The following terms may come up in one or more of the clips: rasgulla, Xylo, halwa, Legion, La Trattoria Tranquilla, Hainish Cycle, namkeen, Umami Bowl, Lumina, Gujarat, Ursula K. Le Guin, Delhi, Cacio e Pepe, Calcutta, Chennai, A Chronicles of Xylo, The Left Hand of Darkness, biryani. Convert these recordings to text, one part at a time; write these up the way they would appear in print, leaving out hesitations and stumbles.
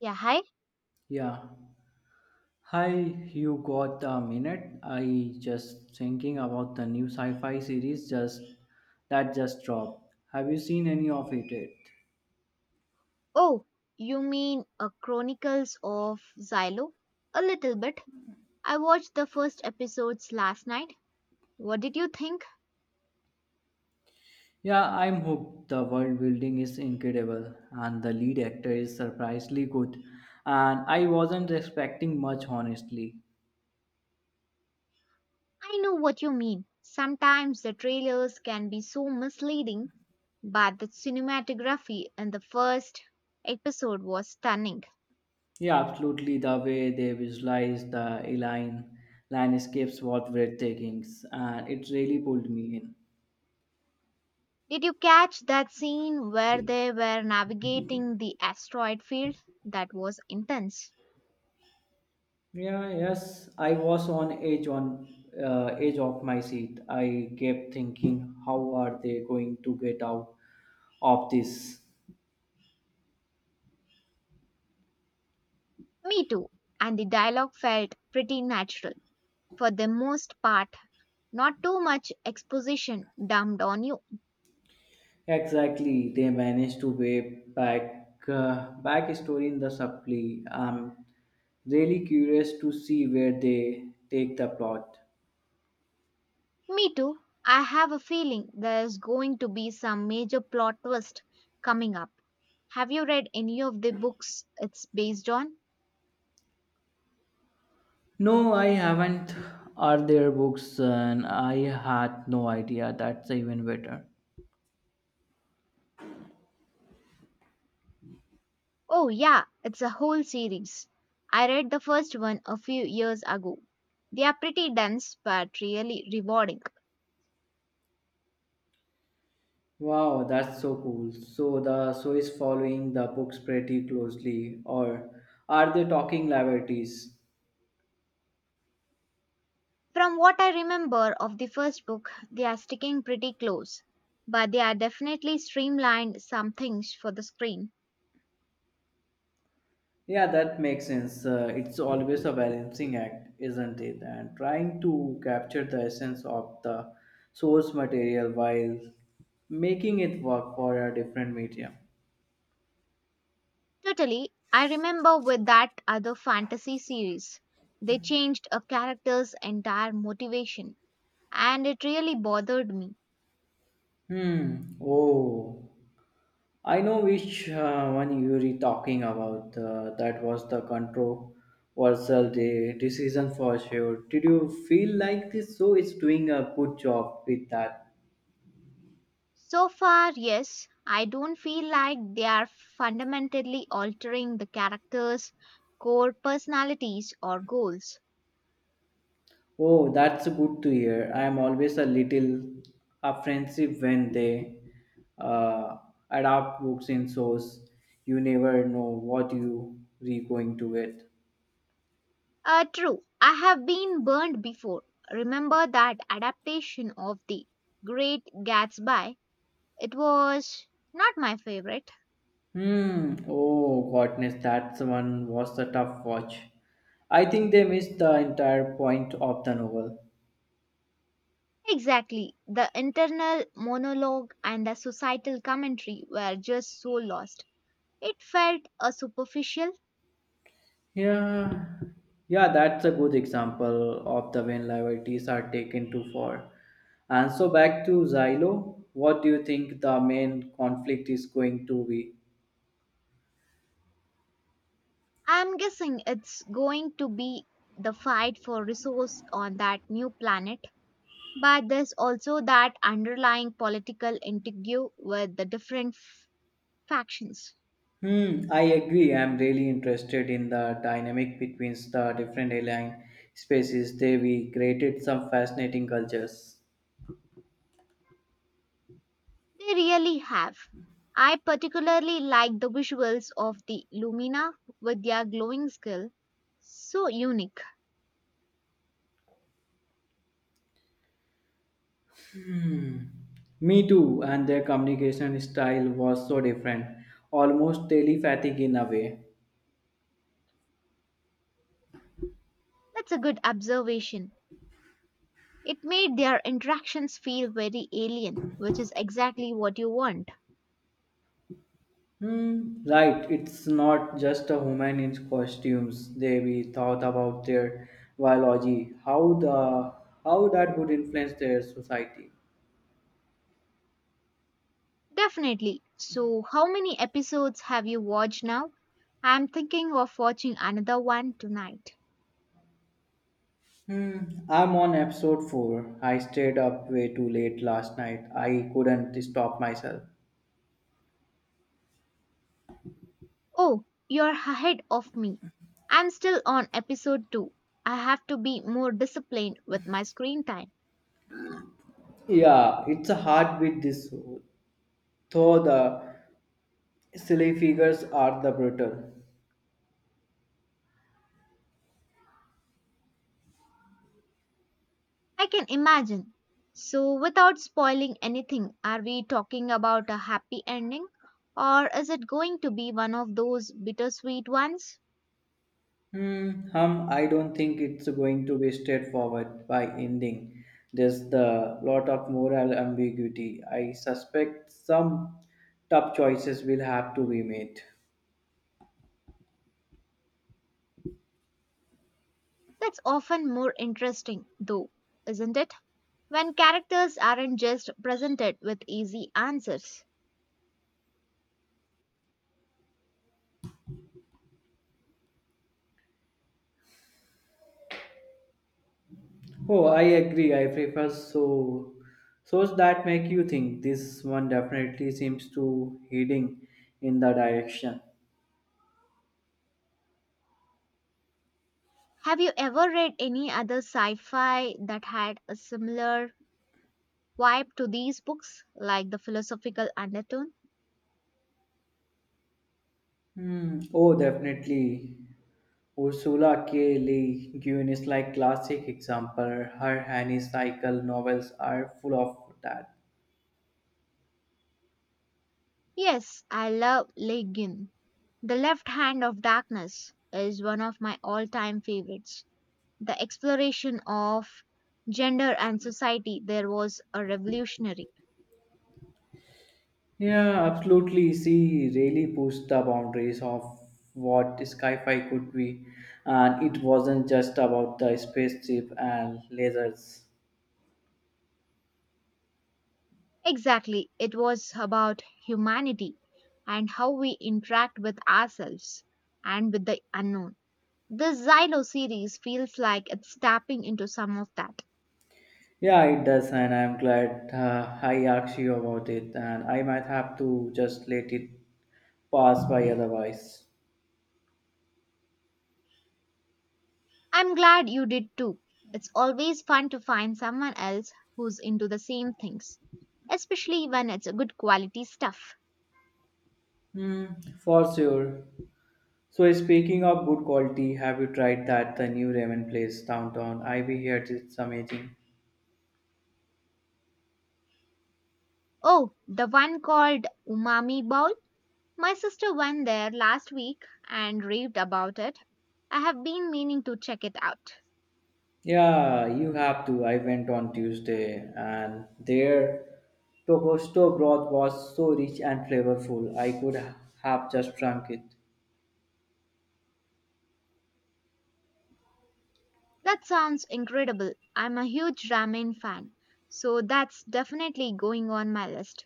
Yeah, hi. Yeah. Hi, you got a minute? I just thinking about the new sci-fi series just that just dropped. Have you seen any of it yet? Oh, you mean *A Chronicles of Xylo? A little bit. I watched the first episodes last night. What did you think? Yeah, I'm hooked. The world building is incredible and the lead actor is surprisingly good. And I wasn't expecting much honestly. I know what you mean. Sometimes the trailers can be so misleading, but the cinematography in the first episode was stunning. Yeah, absolutely. The way they visualize the align landscapes was breathtaking and it really pulled me in. Did you catch that scene where they were navigating the asteroid field? That was intense. Yeah, yes, I was on edge of my seat. I kept thinking, how are they going to get out of this? Me too. And the dialogue felt pretty natural for the most part. Not too much exposition dumped on you. Exactly, they managed to wave back story in the supply. I'm really curious to see where they take the plot. Me too. I have a feeling there's going to be some major plot twist coming up. Have you read any of the books it's based on? No, I haven't. Are there books? And I had no idea. That's even better. Oh, yeah, it's a whole series. I read the first one a few years ago. They are pretty dense but really rewarding. Wow, that's so cool. So the show is following the books pretty closely, or are they talking liberties? From what I remember of the first book, they are sticking pretty close, but they are definitely streamlined some things for the screen. Yeah, that makes sense. It's always a balancing act, isn't it? And trying to capture the essence of the source material while making it work for a different medium. Totally. I remember with that other fantasy series, they changed a character's entire motivation, and it really bothered me. Hmm. Oh, I know which one you were talking about. That was the controversial decision for sure. Did you feel like this show is doing a good job with that? So far, yes, I don't feel like they are fundamentally altering the character's core personalities or goals. Oh, that's good to hear. I am always a little apprehensive when they uh, adapt books in shows. You never know what you are going to get. True, I have been burned before. Remember that adaptation of The Great Gatsby? It was not my favorite. Hmm. Oh, goodness, that's one was a tough watch. I think they missed the entire point of the novel. Exactly. The internal monologue and the societal commentary were just so lost. It felt a superficial. Yeah, yeah, that's a good example of the when liberties are taken too far. And so back to Xylo, what do you think the main conflict is going to be? I'm guessing it's going to be the fight for resource on that new planet, but there's also that underlying political intrigue with the different factions. Hmm, I agree. I'm really interested in the dynamic between the different alien species. They we created some fascinating cultures. They really have. I particularly like the visuals of the Lumina with their glowing skull. So unique. Hmm. Me too, and their communication style was so different, almost telepathic in a way. That's a good observation. It made their interactions feel very alien, which is exactly what you want. Hmm. Right, it's not just a human in costumes. They we thought about their biology, how that would influence their society. Definitely. So, how many episodes have you watched now? I'm thinking of watching another one tonight. Hmm. I'm on episode four. I stayed up way too late last night. I couldn't stop myself. Oh, you're ahead of me. I'm still on episode 2. I have to be more disciplined with my screen time. Yeah, it's a hard with this, though the silly figures are the brutal. I can imagine. So, without spoiling anything, are we talking about a happy ending, or is it going to be one of those bittersweet ones? I don't think it's going to be straightforward by ending. There's the lot of moral ambiguity. I suspect some tough choices will have to be made. That's often more interesting, though, isn't it? When characters aren't just presented with easy answers. Oh, I agree. I prefer so shows that make you think. This one definitely seems to heading in the direction. Have you ever read any other sci fi that had a similar vibe to these books, like the philosophical undertone? Hmm. Oh, definitely. Ursula K. Le Guin is like classic example. Her Annie Cycle novels are full of that. Yes, I love Legion. The Left Hand of Darkness is one of my all time favorites. The exploration of gender and society there was a revolutionary. Yeah, absolutely. She really pushed the boundaries of what sci-fi could be, and it wasn't just about the spaceship and lasers. Exactly. It was about humanity and how we interact with ourselves and with the unknown. This Xylo series feels like it's tapping into some of that. Yeah, it does, and I'm glad I asked you about it, and I might have to just let it pass by otherwise. I'm glad you did too. It's always fun to find someone else who's into the same things, especially when it's good quality stuff. Hmm, for sure. So speaking of good quality, have you tried that the new ramen place downtown? I we heard it's amazing. Oh, the one called Umami Bowl? My sister went there last week and raved about it. I have been meaning to check it out. Yeah, you have to. I went on Tuesday and their tokosto broth was so rich and flavorful. I could have just drunk it. That sounds incredible. I'm a huge ramen fan, so that's definitely going on my list.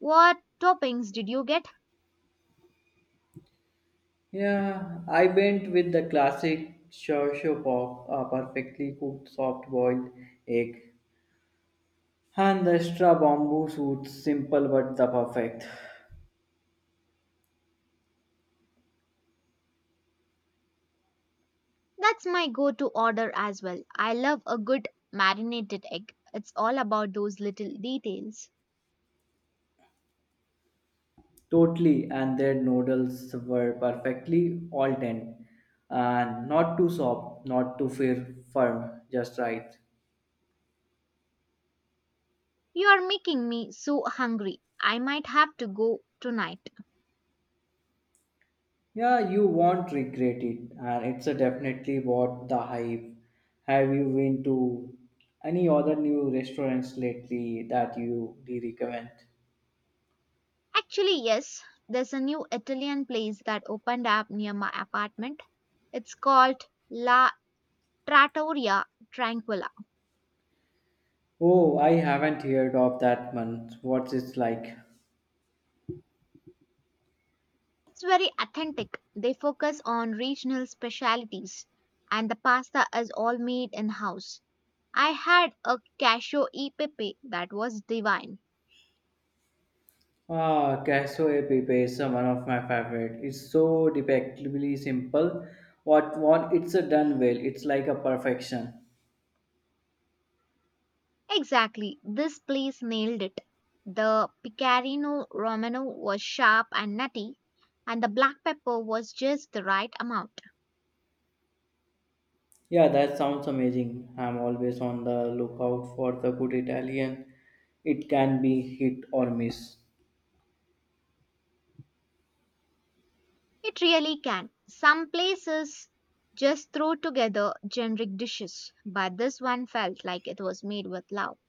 What toppings did you get? Yeah, I went with the classic shosho pop, a perfectly cooked soft boiled egg, and the extra bamboo suit, simple but the perfect. That's my go to order as well. I love a good marinated egg. It's all about those little details. Totally, and their noodles were perfectly all dent, and not too soft, not too firm, just right. You are making me so hungry. I might have to go tonight. Yeah, you won't regret it, and it's a definitely worth the hype. Have you been to any other new restaurants lately that you really recommend? Actually, yes, there's a new Italian place that opened up near my apartment. It's called La Trattoria Tranquilla. Oh, I haven't heard of that one. What's it like? It's very authentic. They focus on regional specialties, and the pasta is all made in house. I had a cashew e pepe that was divine. Ah, Cassio Pepe is one of my favorite. It's so debatably simple. What? It's a done well. It's like a perfection. Exactly, this place nailed it. The pecorino romano was sharp and nutty, and the black pepper was just the right amount. Yeah, that sounds amazing. I'm always on the lookout for the good Italian. It can be hit or miss. It really can. Some places just throw together generic dishes, but this one felt like it was made with love.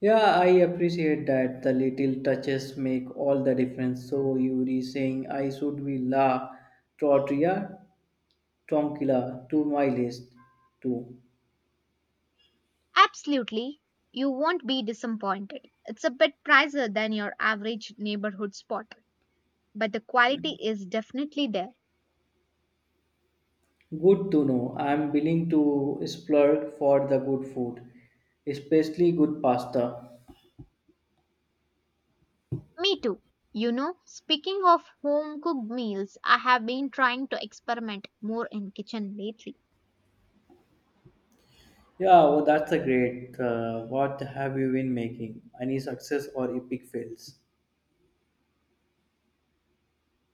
Yeah, I appreciate that the little touches make all the difference. So Yuri saying I should be la tortilla tranquila to my list too. Absolutely. You won't be disappointed. It's a bit pricier than your average neighborhood spot, but the quality is definitely there. Good to know. I'm willing to splurge for the good food, especially good pasta. Me too. You know, speaking of home cooked meals, I have been trying to experiment more in kitchen lately. Yeah, well, that's a great. What have you been making? Any success or epic fails?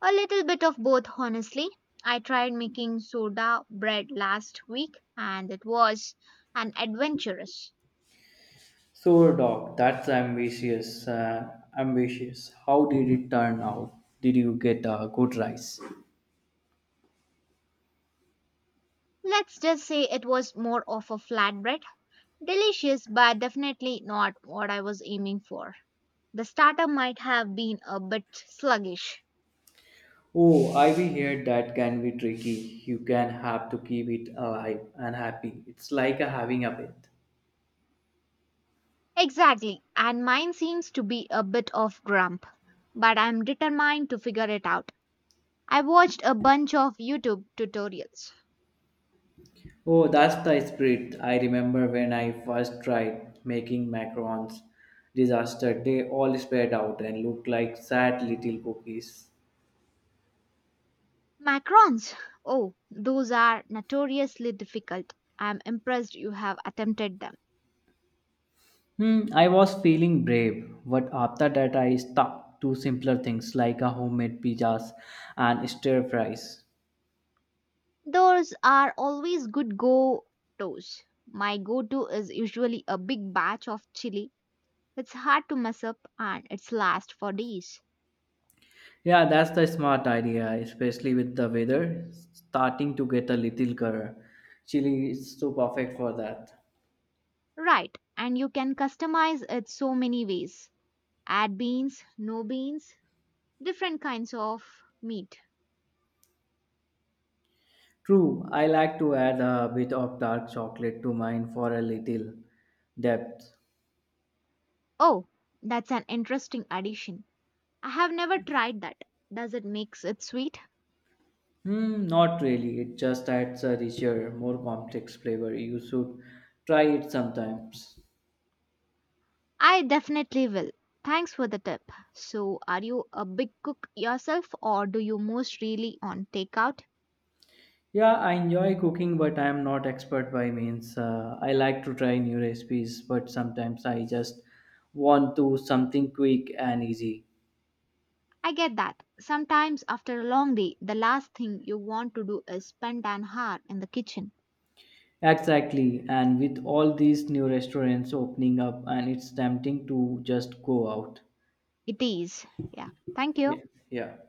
A little bit of both, honestly. I tried making soda bread last week and it was an adventurous. So, dog, that's ambitious. How did it turn out? Did you get a good rice? Let's just say it was more of a flatbread. Delicious, but definitely not what I was aiming for. The starter might have been a bit sluggish. Oh, I we heard that can be tricky. You can have to keep it alive and happy. It's like a having a pet. Exactly, and mine seems to be a bit of grump, but I'm determined to figure it out. I watched a bunch of YouTube tutorials. Oh, that's the spirit. I remember when I first tried making macarons. Disaster. They all spread out and looked like sad little cookies. Macrons! Oh, those are notoriously difficult. I'm impressed you have attempted them. Hmm, I was feeling brave, but after that I stuck to simpler things like a homemade pizzas and stir fries. Those are always good go tos. My go to is usually a big batch of chili. It's hard to mess up and it's last for days. Yeah, that's the smart idea, especially with the weather starting to get a little color. Chili is so perfect for that. Right, and you can customize it so many ways. Add beans, no beans, different kinds of meat. True, I like to add a bit of dark chocolate to mine for a little depth. Oh, that's an interesting addition. I have never tried that. Does it makes it sweet? Hmm, not really. It just adds a richer, more complex flavor. You should try it sometimes. I definitely will. Thanks for the tip. So, are you a big cook yourself or do you most really on takeout? Yeah, I enjoy cooking, but I am not expert by means. I like to try new recipes, but sometimes I just want to something quick and easy. I get that. Sometimes after a long day, the last thing you want to do is spend an hour in the kitchen. Exactly, and with all these new restaurants opening up, and it's tempting to just go out. It is. Yeah. Thank Yeah, you. yeah.